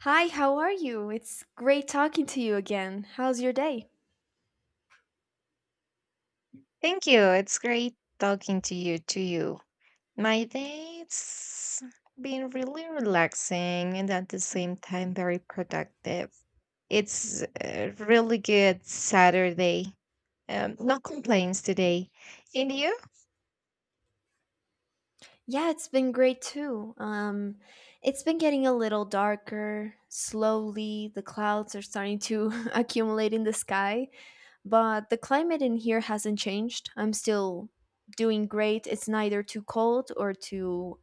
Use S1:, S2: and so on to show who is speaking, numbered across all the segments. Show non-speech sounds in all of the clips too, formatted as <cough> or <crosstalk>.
S1: Hi, how are you? It's great talking to you again. How's your day?
S2: Thank you. It's great talking to you. My day's been really relaxing and at the same time very productive. It's a really good Saturday. No complaints today. And you?
S1: Yeah, it's been great too. It's been getting a little darker. Slowly, the clouds are starting to <laughs> accumulate in the sky, but the climate in here hasn't changed. I'm still doing great. It's neither too cold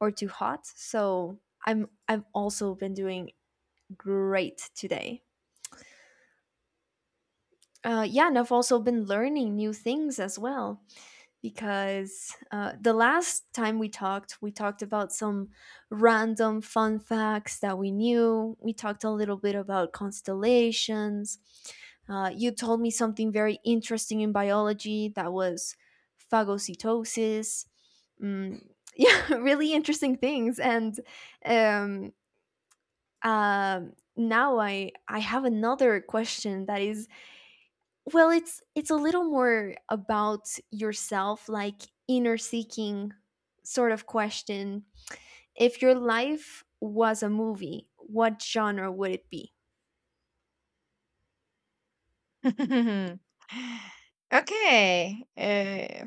S1: or too hot. So, I've also been doing great today. Yeah, and I've also been learning new things as well. Because the last time we talked about some random fun facts that we knew. We talked a little bit about constellations. You told me something very interesting in biology that was phagocytosis. Mm, <laughs> yeah, really interesting things. And um, now I have another question that is well, it's a little more about yourself, like inner seeking sort of question. If your life was a movie, what genre would it be?
S2: <laughs> Okay.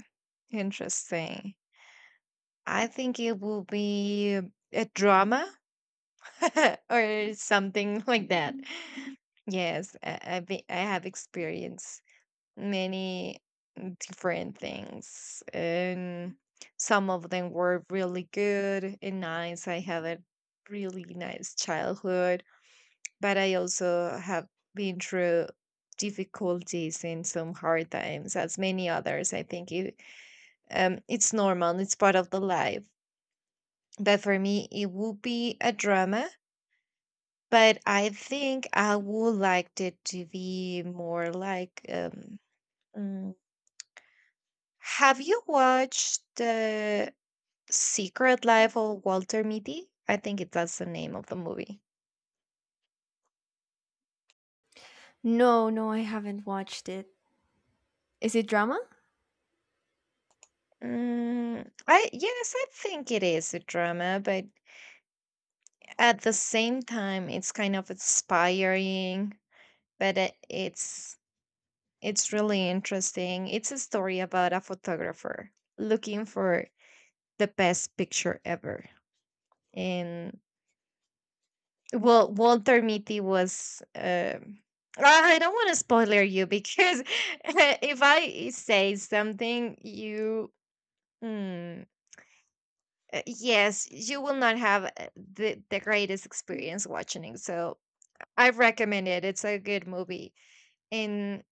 S2: Interesting. I think it will be a drama <laughs> or something like that. Yes, I have experience many different things, and some of them were really good and nice. I had a really nice childhood, but I also have been through difficulties and some hard times, as many others. I think it's normal, it's part of the life. But for me it would be a drama. But I think I would like it to be more like, have you watched The Secret Life of Walter Mitty? I think that's the name of the movie.
S1: No, no, I haven't watched it. Is it drama?
S2: Mm, I yes, I think it is a drama, but at the same time, it's kind of inspiring. But it's really interesting. It's a story about a photographer looking for the best picture ever, and well, Walter Mitty was. I don't want to spoiler you, because <laughs> if I say something, you mm, yes, you will not have the greatest experience watching it. So I recommend it. It's a good movie, and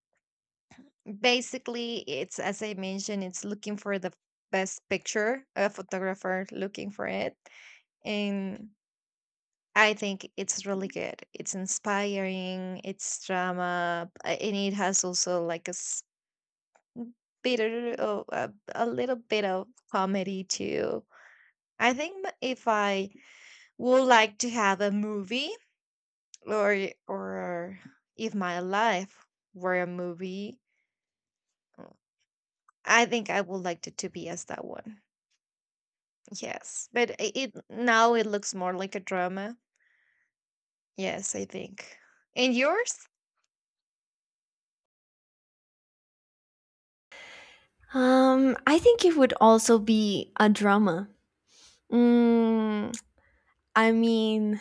S2: basically, it's as I mentioned, it's looking for the best picture. A photographer looking for it, and I think it's really good. It's inspiring. It's drama, and it has also like bit of a little bit of comedy too. I think if I would like to have a movie, or if my life were a movie, uh, I think I would like it to be as that one. Yes, but it now it looks more like a drama. Yes, I think. And yours?
S1: I think it would also be a drama. Mm, I mean,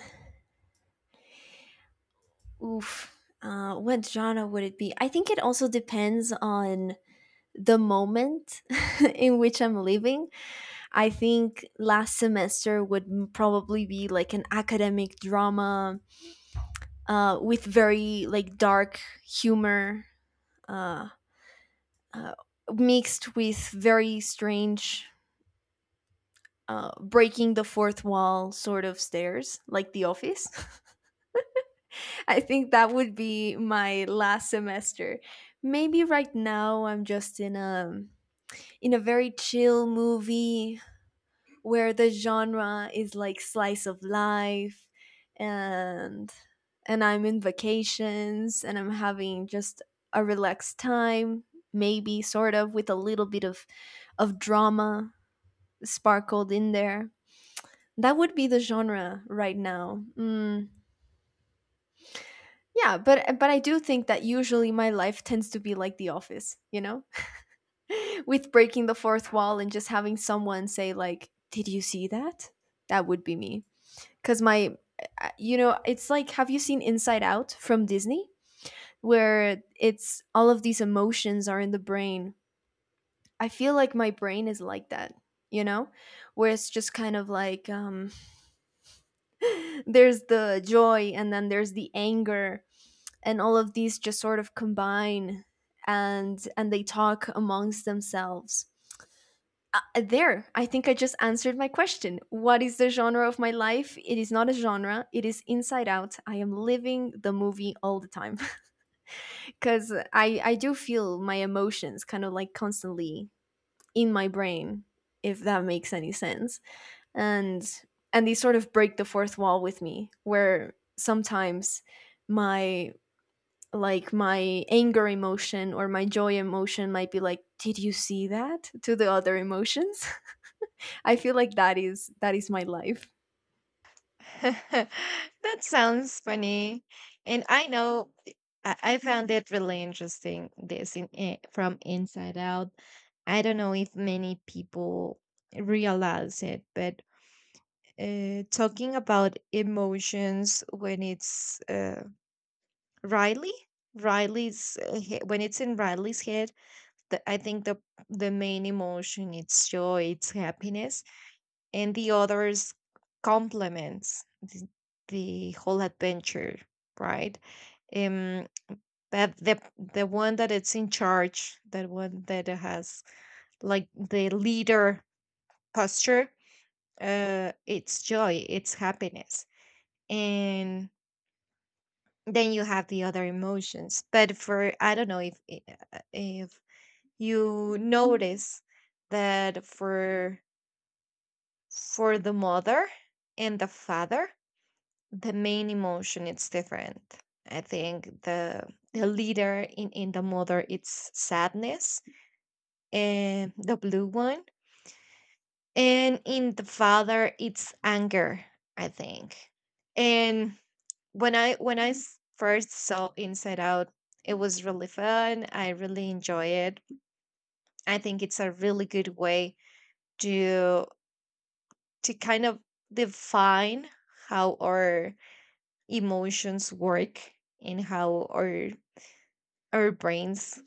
S1: oof. What genre would it be? I think it also depends on the moment <laughs> in which I'm living. I think last semester would probably be like an academic drama with very like dark humor uh, uh, mixed with very strange breaking the fourth wall sort of stares like The Office. <laughs> I think that would be my last semester. Maybe right now I'm just in a very chill movie where the genre is like slice of life, and and I'm in vacations and I'm having just a relaxed time, maybe sort of with a little bit of drama sparkled in there. That would be the genre right now. Mm, yeah, but I do think that usually my life tends to be like The Office, you know, <laughs> with breaking the fourth wall and just having someone say like, "Did you see that?" That would be me. Because my you know, it's like, have you seen Inside Out from Disney, where it's all of these emotions are in the brain? I feel like my brain is like that, you know, where it's just kind of like, there's the joy and then there's the anger, and all of these just sort of combine and they talk amongst themselves. I think I just answered my question. What is the genre of my life? It is not a genre. It is Inside Out. I am living the movie all the time <laughs> because I do feel my emotions kind of like constantly in my brain, if that makes any sense. And they sort of break the fourth wall with me, where sometimes my like my anger emotion or my joy emotion might be like, did you see that? To the other emotions. I feel like that is my life.
S2: <laughs> That sounds funny. And I know, I found it really interesting this from Inside Out. I don't know if many people realize it, but talking about emotions when it's Riley, Riley's when it's in Riley's head, I think the main emotion it's joy, it's happiness, and the others complements the whole adventure, right? Um, that the one that it's in charge, that one that has like the leader posture, it's joy, it's happiness. And then you have the other emotions. But for, I don't know if if you notice that for the mother and the father, the main emotion it's different. I think the leader in the mother it's sadness, and the blue one, and in the father it's anger, I think. And when first saw Inside Out, it was really fun. I really enjoy it. I think it's a really good way to to kind of define how our emotions work, and how our brains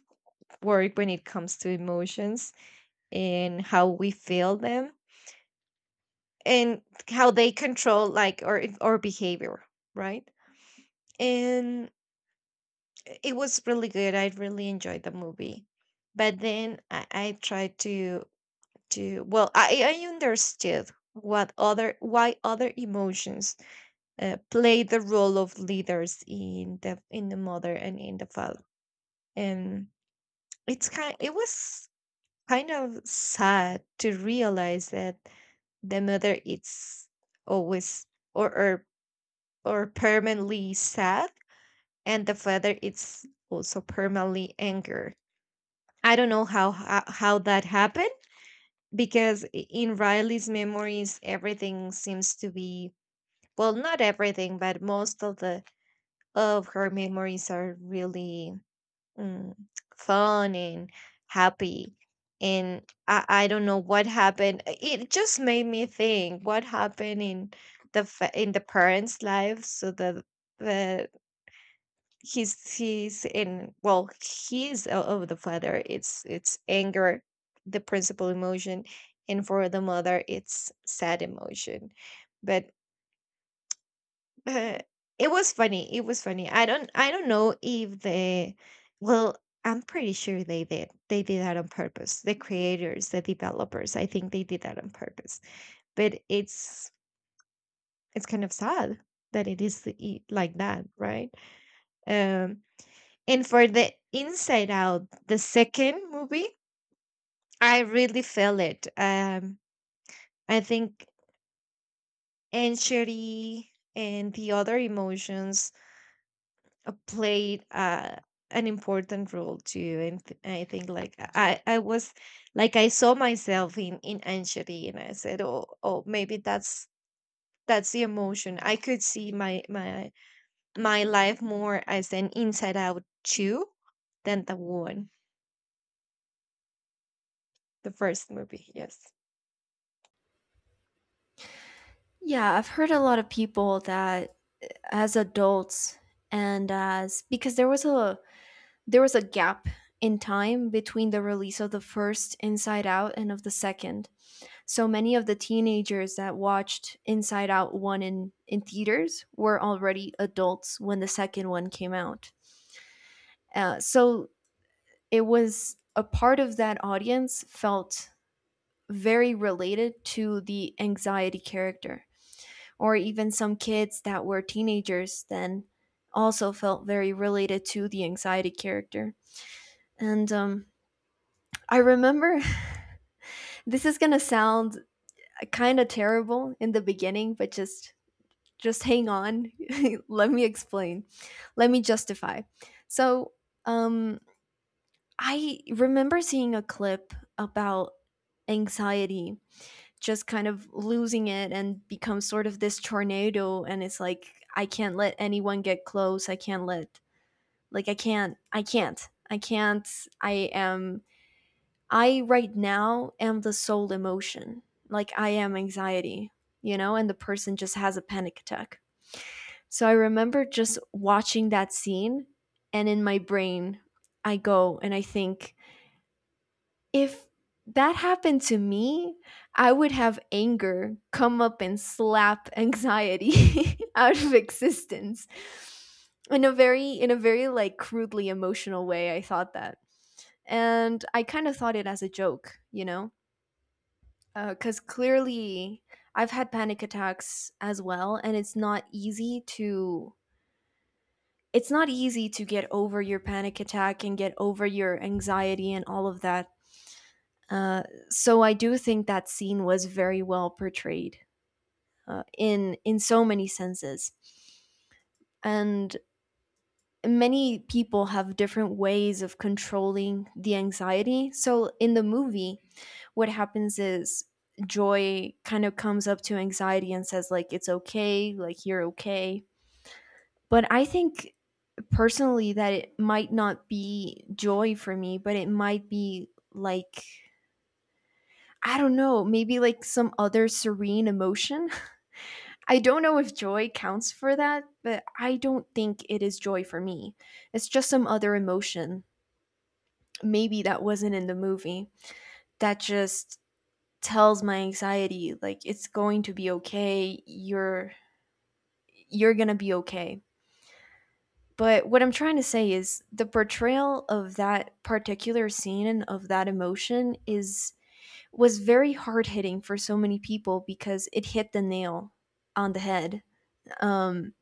S2: work when it comes to emotions, and how we feel them, and how they control like our behavior, right? And it was really good. I really enjoyed the movie. But then I tried to, I understood what other why other emotions play the role of leaders in the mother and in the father. And it was kind of sad to realize that the mother is always or or, or permanently sad, and the father is also permanently anger. I don't know how that happened, because in Riley's memories everything seems to be, well, not everything, but most of the of her memories are really, mm, fun and happy. And I don't know what happened. It just made me think what happened in in the parents' lives, so that the he's in well of the father, it's anger, the principal emotion, and for the mother it's sad emotion. But uh, it was funny. It was funny. I don't know if they, well, I'm pretty sure they did. They did that on purpose. The creators, the developers, I think they did that on purpose. But it's kind of sad that it is, like that, right? Um, and for the Inside Out, the second movie, I really felt it. Um, I think anxiety and the other emotions played an important role too. And I think like I was like I saw myself in anxiety, and I said, oh, oh, maybe that's the emotion. I could see my life more as an Inside Out Two than the one, the first movie. Yes,
S1: Yeah, I've heard a lot of people that as adults and as, because there was a gap in time between the release of the first Inside Out and of the second. So many of the teenagers that watched Inside Out 1 in theaters were already adults when the second one came out. So it was, a part of that audience felt very related to the anxiety character, or even some kids that were teenagers then also felt very related to the anxiety character. And I remember <laughs> this is gonna sound kind of terrible in the beginning, but just hang on. <laughs> Let me explain. Let me justify. So um, I remember seeing a clip about anxiety just kind of losing it and become sort of this tornado, and it's like, I can't let anyone get close. I can't let Like, I can't. I can't. I am I right now am the sole emotion. Like, I am anxiety, you know, and the person just has a panic attack. So I remember just watching that scene, and in my brain I go and I think, if that happened to me, I would have anger come up and slap anxiety <laughs> out of existence. In a very like crudely emotional way, I thought that. And I kind of thought it as a joke, you know? Because clearly I've had panic attacks as well, and it's not easy to get over your panic attack and get over your anxiety and all of that, uh, so I do think that scene was very well portrayed in so many senses, and many people have different ways of controlling the anxiety. So in the movie, what happens is Joy kind of comes up to anxiety and says like, it's okay, like, you're okay. But I think personally that it might not be joy for me, but it might be like, I don't know, maybe like some other serene emotion. I don't know if joy counts for that, but I don't think it is joy for me. It's just some other emotion, maybe that wasn't in the movie, that just tells my anxiety, like, it's going to be okay. You're going to be okay. But what I'm trying to say is the portrayal of that particular scene and of that emotion is was very hard hitting for so many people because it hit the nail on the head. Um,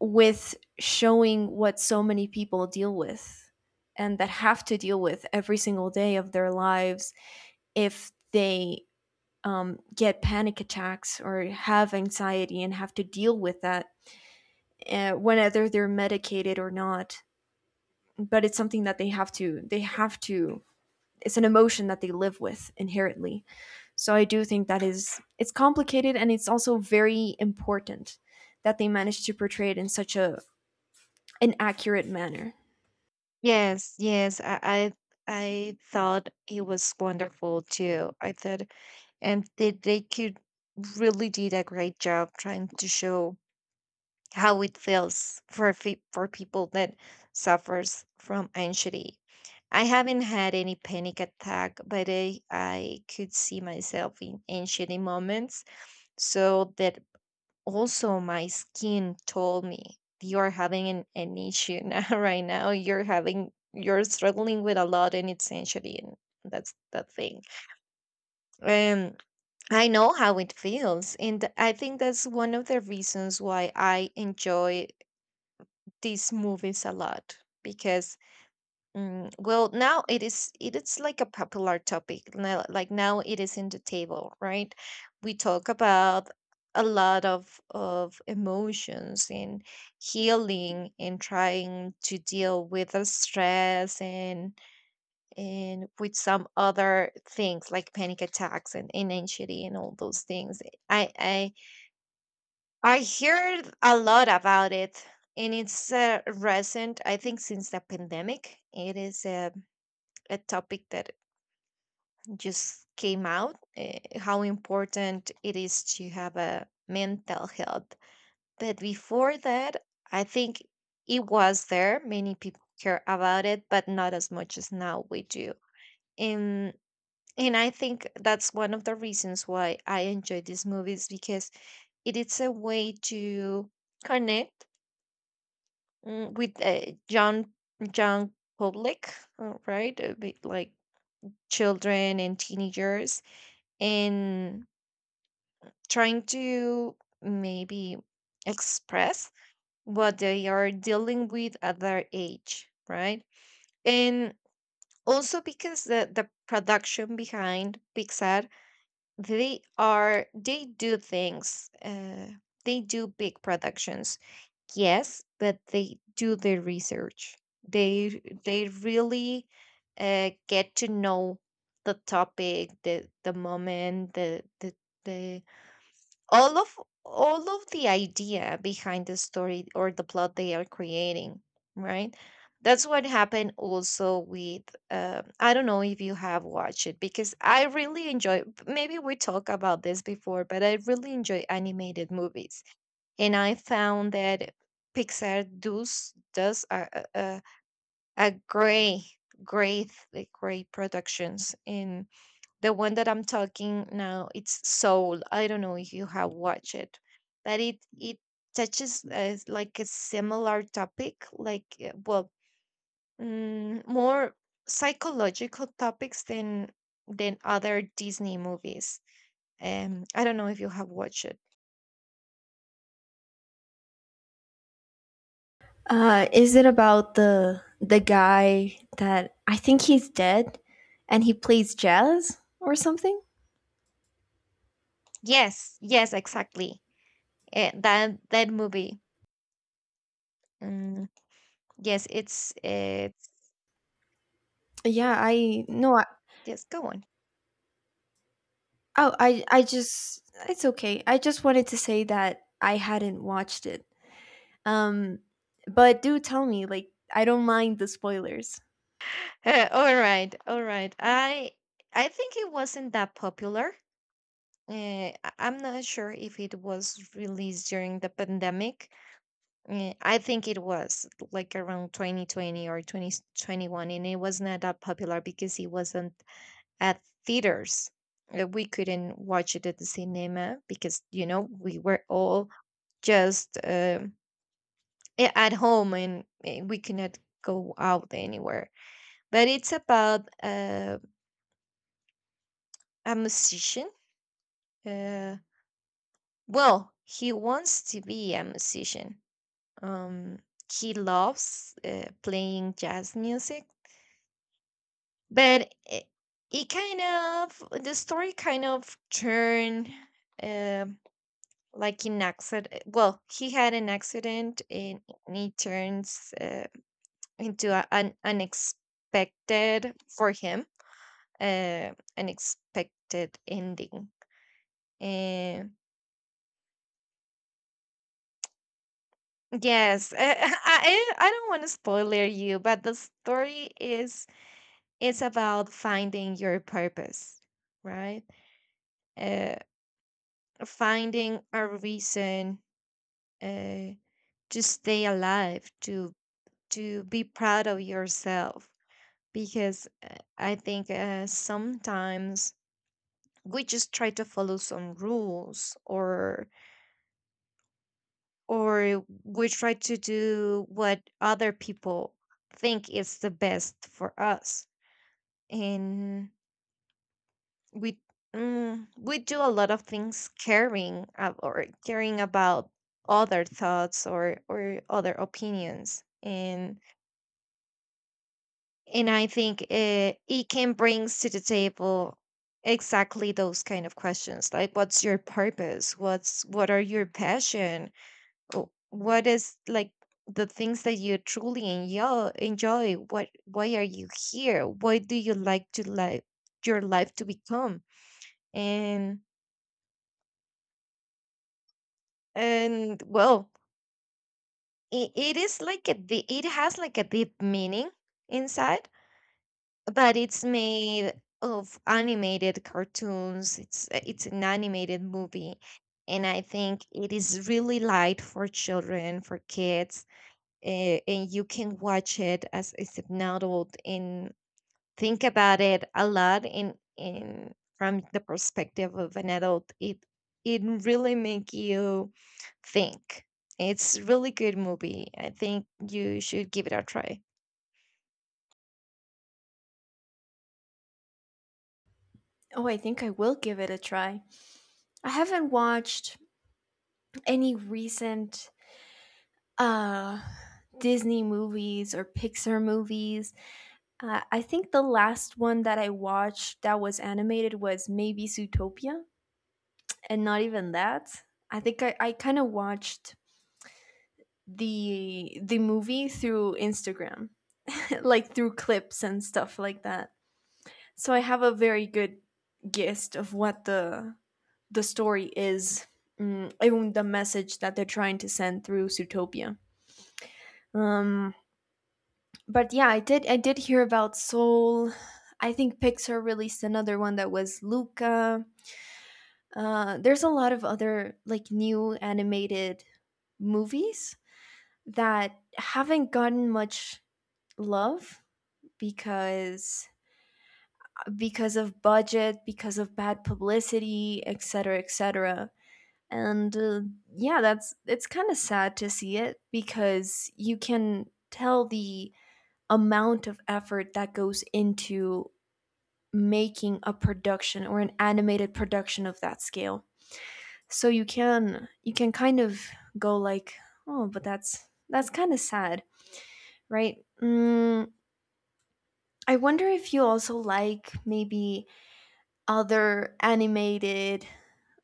S1: with showing what so many people deal with and that have to deal with every single day of their lives, if they get panic attacks or have anxiety and have to deal with that, whether they're medicated or not. But it's something that they have to, it's an emotion that they live with inherently. So I do think that is it's complicated, and it's also very important that they manage to portray it in such a, an accurate manner.
S2: yes yes i i I thought it was wonderful too. I thought, and they could really did a great job trying to show how it feels for for people that suffers from anxiety. I haven't had any panic attack, but I could see myself in anxiety moments. So that also my skin told me, you are having an issue now <laughs> right now. You're having you're struggling with a lot, and it's anxiety, and that's the thing. Um, I know how it feels, and I think that's one of the reasons why I enjoy these movies a lot, because, mm, well, now it is, it is like a popular topic now, like now it is in the table, right? We talk about a lot of emotions, and healing, and trying to deal with the stress, and with some other things like panic attacks, and anxiety, and all those things. I I heard a lot about it, and it's recent. I think since the pandemic, it is a topic that just came out, how important it is to have a mental health. But before that, I think it was there. Many people care about it, but not as much as now we do. And and I think that's one of the reasons why I enjoy these movies, because it is a way to connect, mm, with young public, right? A bit like children and teenagers, and trying to maybe express what they are dealing with at their age, right? And also because the production behind Pixar, they are, they do things, they do big productions, yes, but they do their research. They really, get to know the topic, the moment, the all of all of the idea behind the story or the plot they are creating, right? That's what happened also with, I don't know if you have watched it, because I really enjoy, maybe we talked about this before, but I really enjoy animated movies. And I found that Pixar does a great great productions. The one that I'm talking now, it's Soul. I don't know if you have watched it, but it touches like a similar topic, like, mm, more psychological topics than other Disney movies. I don't know if you have watched it.
S1: Is it about the guy that I think he's dead, and he plays jazz or something?
S2: Yes, yes, exactly. That that movie. Mm, yes, it's
S1: Yeah, I no. I,
S2: yes. Go on. <laughs>
S1: oh, I just, it's okay. I just wanted to say that I hadn't watched it. Um, but do tell me, like, I don't mind the spoilers.
S2: All right, all right. I think it wasn't that popular. I'm not sure if it was released during the pandemic. I think it was like around 2020 or 2021, and it was not that popular because it wasn't at theaters. We couldn't watch it at the cinema because, you know, we were all just, at home, and we cannot go out anywhere. But it's about a musician. Uh, well, he wants to be a musician. Um, he loves playing jazz music, but it kind of the story kind of turned, um, like an accident. Well, he had an accident, and it turns into an unexpected for him, uh, unexpected ending. And yes, I <laughs> I don't want to spoiler you, but the story is it's about finding your purpose, right? Uh, Finding a reason uh, to stay alive, to be proud of yourself, because I think sometimes we just try to follow some rules, or we try to do what other people think is the best for us, and we we do a lot of things caring about other thoughts or other opinions. And I think it can brings to the table exactly those kind of questions, like what's your purpose, what are your passion? What is like the things that you truly enjoy, what, why are you here, what do you like to, like your life to become? And well, it is like a it has like a deep meaning inside, but it's made of animated cartoons. It's an animated movie, and I think it is really light for children, for kids, uh, and you can watch it as an adult and think about it a lot in from the perspective of an adult. It really make you think. It's really good movie. I think you should give it a try.
S1: Oh, I think I will give it a try. I haven't watched any recent uh Disney movies or Pixar movies. I think the last one that I watched that was animated was maybe Zootopia, and not even that. I kind of watched the movie through Instagram, <laughs> like through clips and stuff like that. So I have a very good gist of what the story is, mm, even the message that they're trying to send through Zootopia. Um, but yeah, I did hear about Soul. I think Pixar released another one that was Luca. There's a lot of other like new animated movies that haven't gotten much love, because because of budget, because of bad publicity, et cetera, et cetera. And yeah, that's, it's kind of sad to see it because you can tell the amount of effort that goes into making a production or an animated production of that scale. So you can kind of go like, oh, but that's kind of sad, right? Mm, I wonder if you also like maybe other animated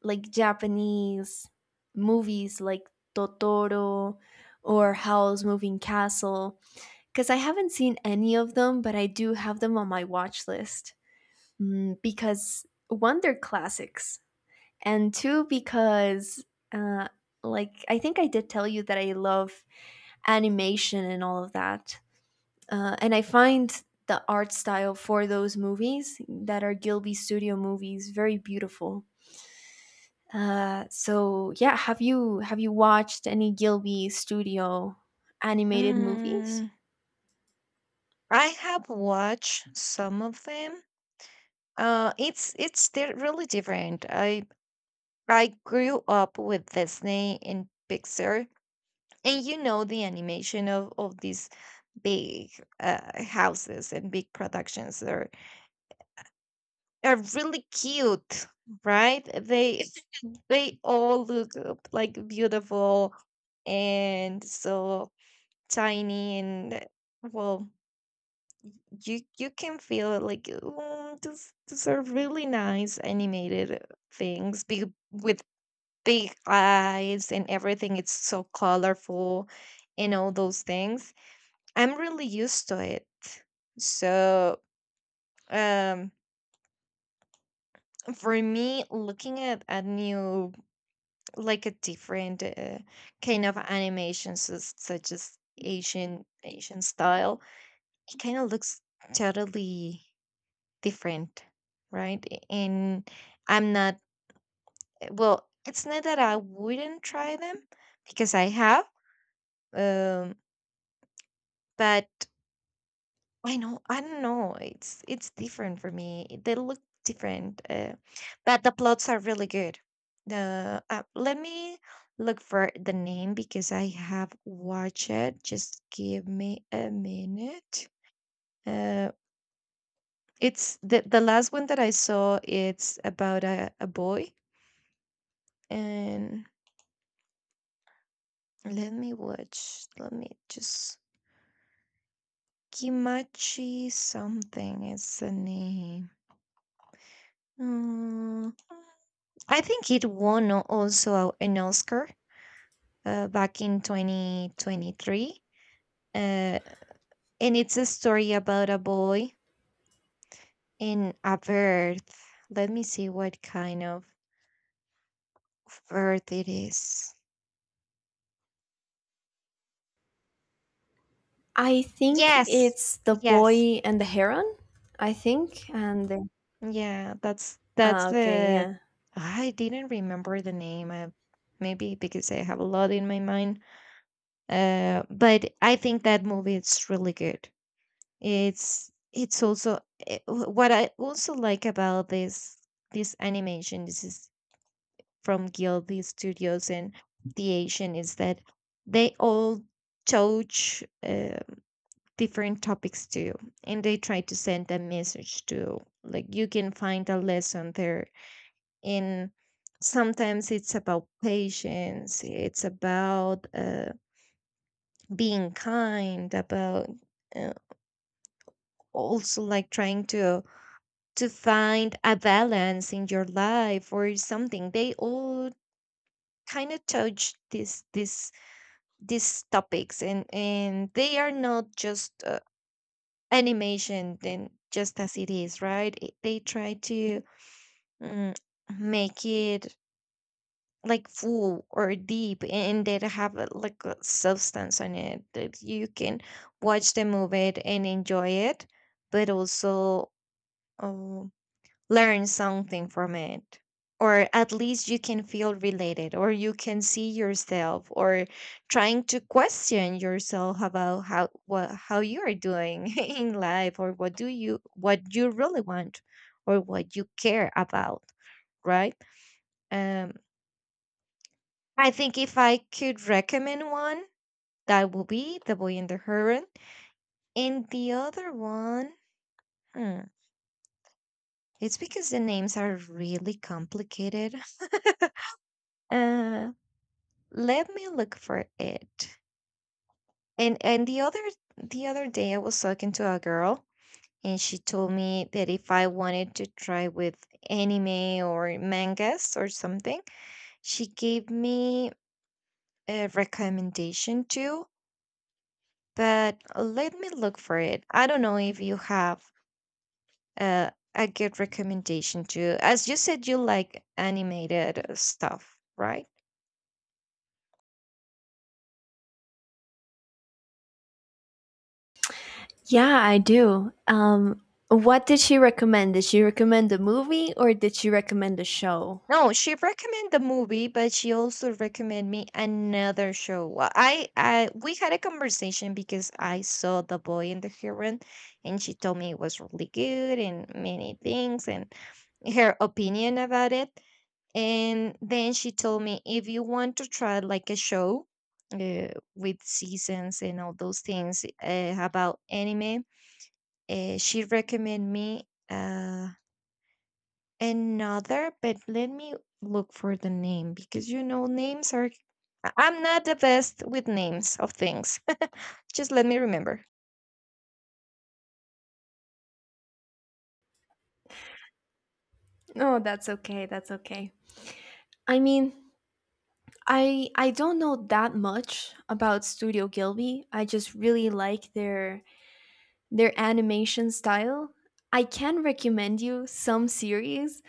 S1: like Japanese movies like Totoro or Howl's Moving Castle, because I haven't seen any of them, but I do have them on my watch list, mm, because one, they're classics, and two, because uh, like, I think I did tell you that I love animation and all of that, and I find the art style for those movies that are Gilby Studio movies very beautiful. So, have you watched any Gilby Studio animated movies?
S2: Mm, I have watched some of them. It's they're really different. I I grew up with Disney and Pixar, and you know the animation of these big houses and big productions are really cute, right? They <laughs> they all look like beautiful and so tiny and, well, you can feel it like, oh, these are really nice animated things, big with big eyes and everything. It's so colorful and all those things. I'm really used to it. So um for me, looking at a new, like a different kind of animations, such as Asian style, it kind of looks totally different, right? And I'm not well, it's not that I wouldn't try them, because I have, um, but I know. I don't know. It's different for me. It- They look different, but the plots are really good. The let me look for the name, because I have watched it. Just give me a minute. Uh, it's the last one that I saw. It's about a boy, and let me watch. Let me just Kimachi something is the name. Mm, I think it won also an Oscar back in 2023. Uh, and it's a story about a boy in a bird. Let me see what kind of bird it is.
S1: I think
S2: Yes.
S1: it's The
S2: Yes.
S1: Boy and the Heron, I think.
S2: Yeah, that's
S1: Ah, okay,
S2: the
S1: yeah.
S2: I didn't remember the name. I, maybe because I have a lot in my mind. But I think that movie is really good. It's also what I also like about this animation. This is from Gilby Studios, and the Asian is that they all touch different topics too, and they try to send a message too, like you can find a lesson there. And sometimes it's about patience. It's about being kind. About uh, also like trying to find a balance in your life or something. They all kind of touch this this these topics, and they are not just animation then just as it is, right? It- they try to, mm, make it like full or deep, and they have a, like a substance on it that you can watch the movie and enjoy it, but also, um, learn something from it. Or at least you can feel related, or you can see yourself, or trying to question yourself about how, what how you are doing <laughs> in life, or what do you, what you really want, or what you care about, right? Um, I think if I could recommend one, that would be The Boy and the Heron. And the other one, hmm, it's because the names are really complicated. <laughs> Uh, let me look for it. And the other, the other day I was talking to a girl, and she told me that if I wanted to try with anime or mangas or something, she gave me a recommendation too, but let me look for it. I don't know if you have a good recommendation too. As you said, you like animated stuff, right?
S1: Yeah, I do. What did she recommend? Did she recommend a movie or did she recommend a show?
S2: No, she recommended the movie, but she also recommended me another show. Well, I we had a conversation because I saw The Boy and the Heron, and she told me it was really good and many things and her opinion about it. And then she told me, if you want to try like a show uh, with seasons and all those things about anime, she recommended me. Another, but let me look for the name, because you know names are I'm not the best with names of things. <laughs> Just let me remember.
S1: Oh, that's okay. That's okay. I mean, I don't know that much about Studio Gilby. I just really like their animation style. I can recommend you some series,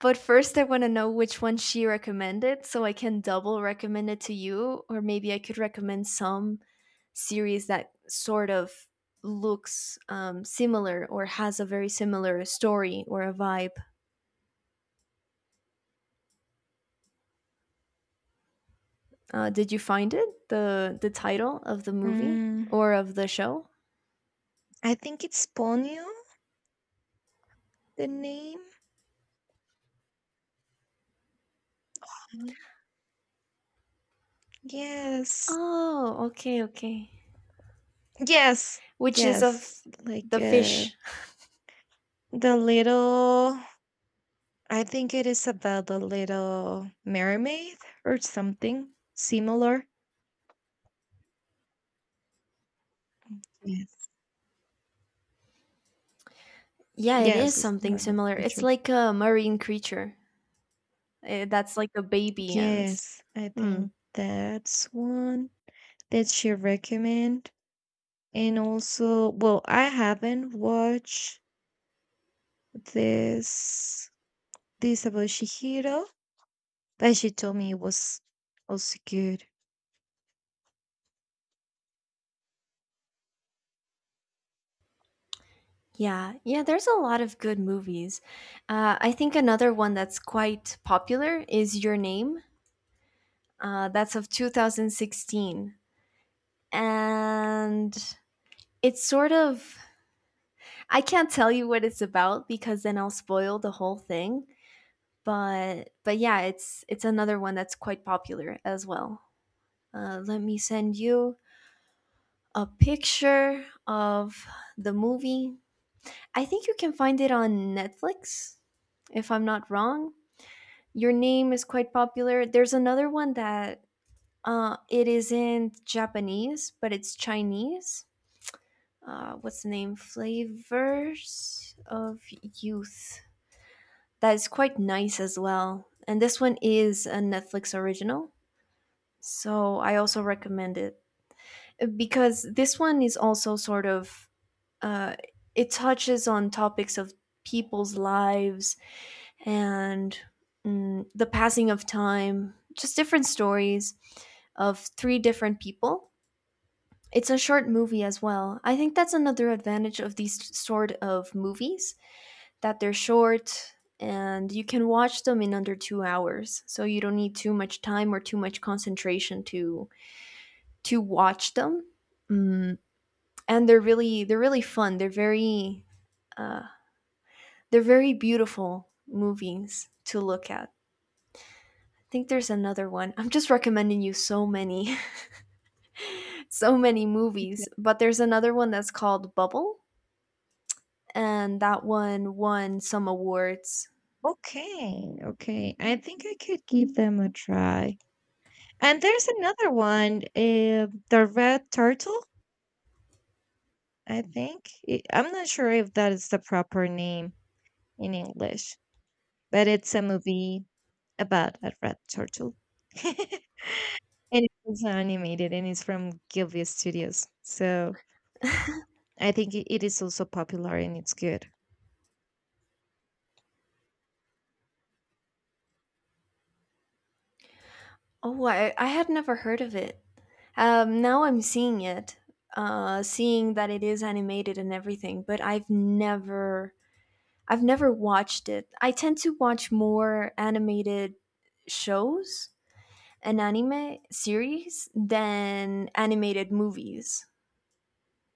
S1: but first I want to know which one she recommended so I can double recommend it to you, or maybe I could recommend some series that sort of looks similar or has a very similar story or a vibe. Did you find it, the title of the movie
S2: Mm,
S1: or of the show?
S2: I think it's Ponyo, the name. Mhm. Yes.
S1: Oh, okay, okay.
S2: Yes.
S1: Which is of
S2: Yes. Like
S1: the fish.
S2: the little, I think it is about The Little Mermaid or something similar. Yes.
S1: Yeah, it is
S2: Yes, it's a
S1: something
S2: mermaid
S1: similar. It's
S2: creature.
S1: like a marine creature, that's like a baby and.
S2: Yes, I
S1: Hmm.
S2: think that's one. That she recommend? And also, well, I haven't watched this this about Shihiro, but she told me it was also good.
S1: Yeah, yeah. There's a lot of good movies. I think another one that's quite popular is Your Name. That's of 2016. And it's sort of, I can't tell you what it's about because then I'll spoil the whole thing. But yeah, it's another one that's quite popular as well. Let me send you a picture of the movie. I think you can find it on Netflix, if I'm not wrong. Your name is quite popular. There's another one that it is in Japanese, but it's Chinese. What's the name? Flavors of Youth. That is quite nice as well. And this one is a Netflix original, so I also recommend it because this one is also sort of uh, it touches on topics of people's lives and, the passing of time, just different stories of three different people. It's a short movie as well. I think that's another advantage of these sort of movies that they're short and you can watch them in under 2 hours. So you don't need too much time or too much concentration to watch them. Mm, and they're really fun. Uh, they're very beautiful movies to look at. I think there's another one. I'm just recommending you so many <laughs> so many movies,
S2: Okay.
S1: but there's another one that's called Bubble, and that one won some awards.
S2: Okay, okay. I think I could give them a try. And there's another one, The Red Turtle, I think. I'm not sure if that is the proper name in English, but it's a movie about a red turtle. <laughs> And it's also animated, and it's from Gilvia Studios. So I think it is also popular and it's good.
S1: Oh, I had never heard of it. Now I'm seeing it, seeing that it is animated and everything, but I've never watched it. I tend to watch more animated shows and anime series than animated movies.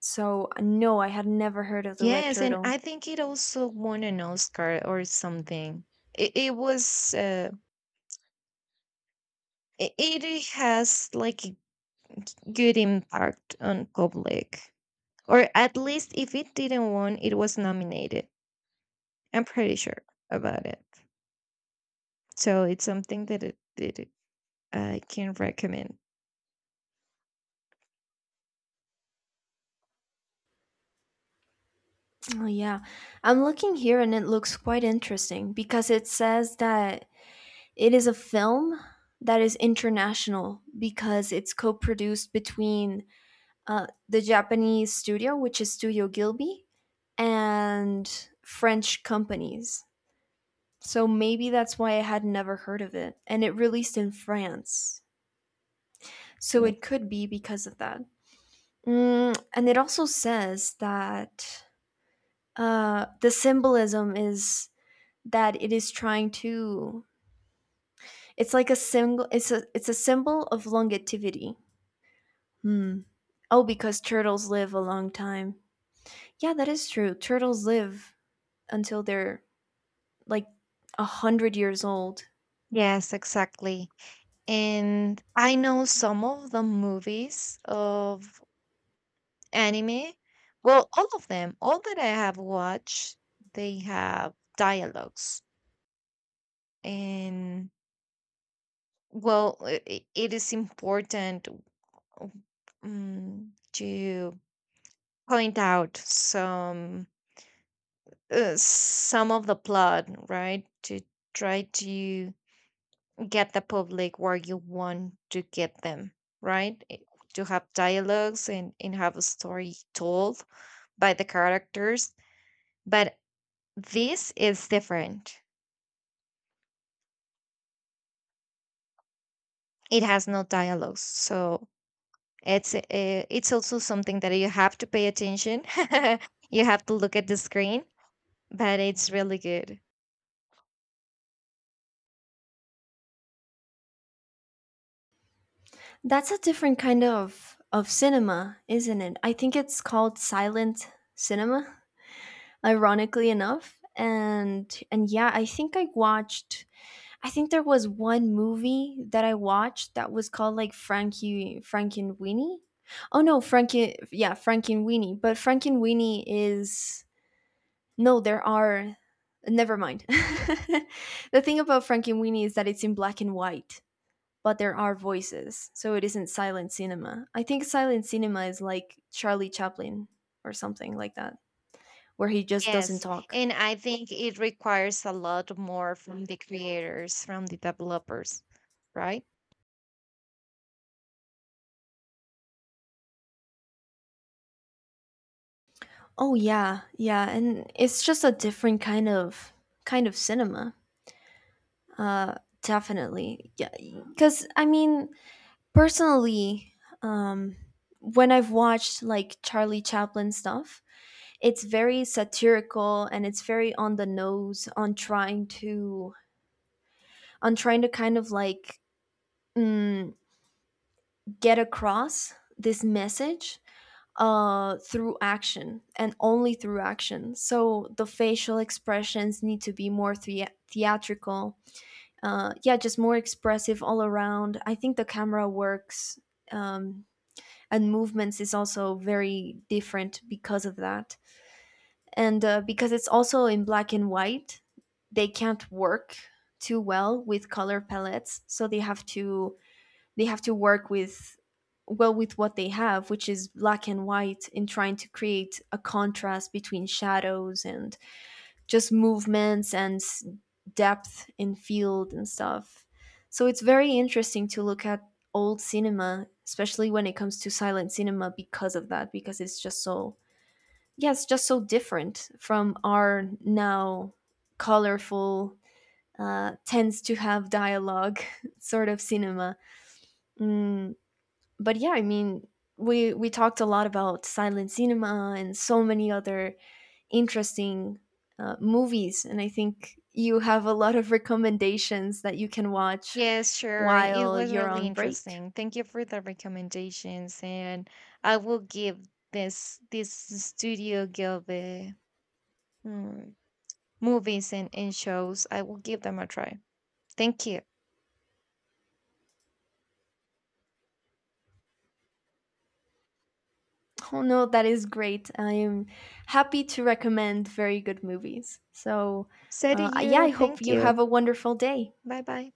S1: So no, I had never heard of the Red
S2: Yes, and
S1: Turtle.
S2: I think it also won an Oscar or something. It was, it has like a good impact on public. Or at least if it didn't win, it was nominated. I'm pretty sure about it. So it's something that it I can recommend.
S1: Oh yeah, I'm looking here and it looks quite interesting because it says that it is a film that is international because it's co-produced between the Japanese studio, which is Studio Gilby, and French companies. So maybe that's why I had never heard of it. And it released in France. So it
S2: Yes.
S1: could be because of that. And it also says that the symbolism is that it is trying to, it's like a symbol, it's a symbol of longevity. Hmm. Oh, because turtles live a long time. Yeah, that is true. Turtles live until they're like a hundred years old.
S2: Yes, exactly. And I know some of the movies of anime. Well, all of them, all that I have watched, they have dialogues. And well, it is important w- mm, to point out some of the plot, right? To try to get the public where you want to get them, right? Eh, to have dialogues, and have a story told by the characters. But this is different. It has no dialogues. So it's uh, it's also something that you have to pay attention. <laughs> You have to look at the screen, but it's really good.
S1: That's a different kind of cinema, isn't it? I think it's called silent cinema, ironically enough. And yeah, I think there was one movie that I watched that was called like Frankie Frankenweenie. Oh no, Frankie yeah, Frankenweenie. But Frankenweenie is no, there are never mind. <laughs> The thing about Frankenweenie is that it's in black and white, but there are voices, so it isn't silent cinema. I think silent cinema is like Charlie Chaplin or something like that, where he just doesn't
S2: Yes,
S1: talk.
S2: and I think it requires a lot more from the creators, from the developers, right?
S1: Oh yeah, yeah, and it's just a different kind of cinema. Uh, Definitely, yeah. Because I mean, personally, um, when I've watched like Charlie Chaplin stuff, it's very satirical and it's very on the nose on trying to kind of like, mm, get across this message through action and only through action. So the facial expressions need to be more theatrical. Yeah, just more expressive all around. I think the camera works um, and movements is also very different because of that. And because it's also in black and white, they can't work too well with color palettes. So they have to work with, well, with what they have, which is black and white, in trying to create a contrast between shadows and just movements and depth in field and stuff. So it's very interesting to look at old cinema, especially when it comes to silent cinema, because of that, because it's just so, yeah, it's just so different from our now colorful, tends to have dialogue <laughs> sort of cinema. mm, but yeah, I mean, we talked a lot about silent cinema and so many other interesting movies, and I think you have a lot of recommendations that you can watch
S2: Yes, sure. It
S1: while
S2: was
S1: you're
S2: really
S1: on break.
S2: interesting. Thank you for the recommendations, and I will give this Studio Gilby, mm, movies and shows. I will give them a try. Thank you.
S1: Oh no, that is great. I am happy to recommend very good movies. So,
S2: So do
S1: yeah, I
S2: you.
S1: hope
S2: Thank
S1: you have
S2: you.
S1: a wonderful day.
S2: Bye bye.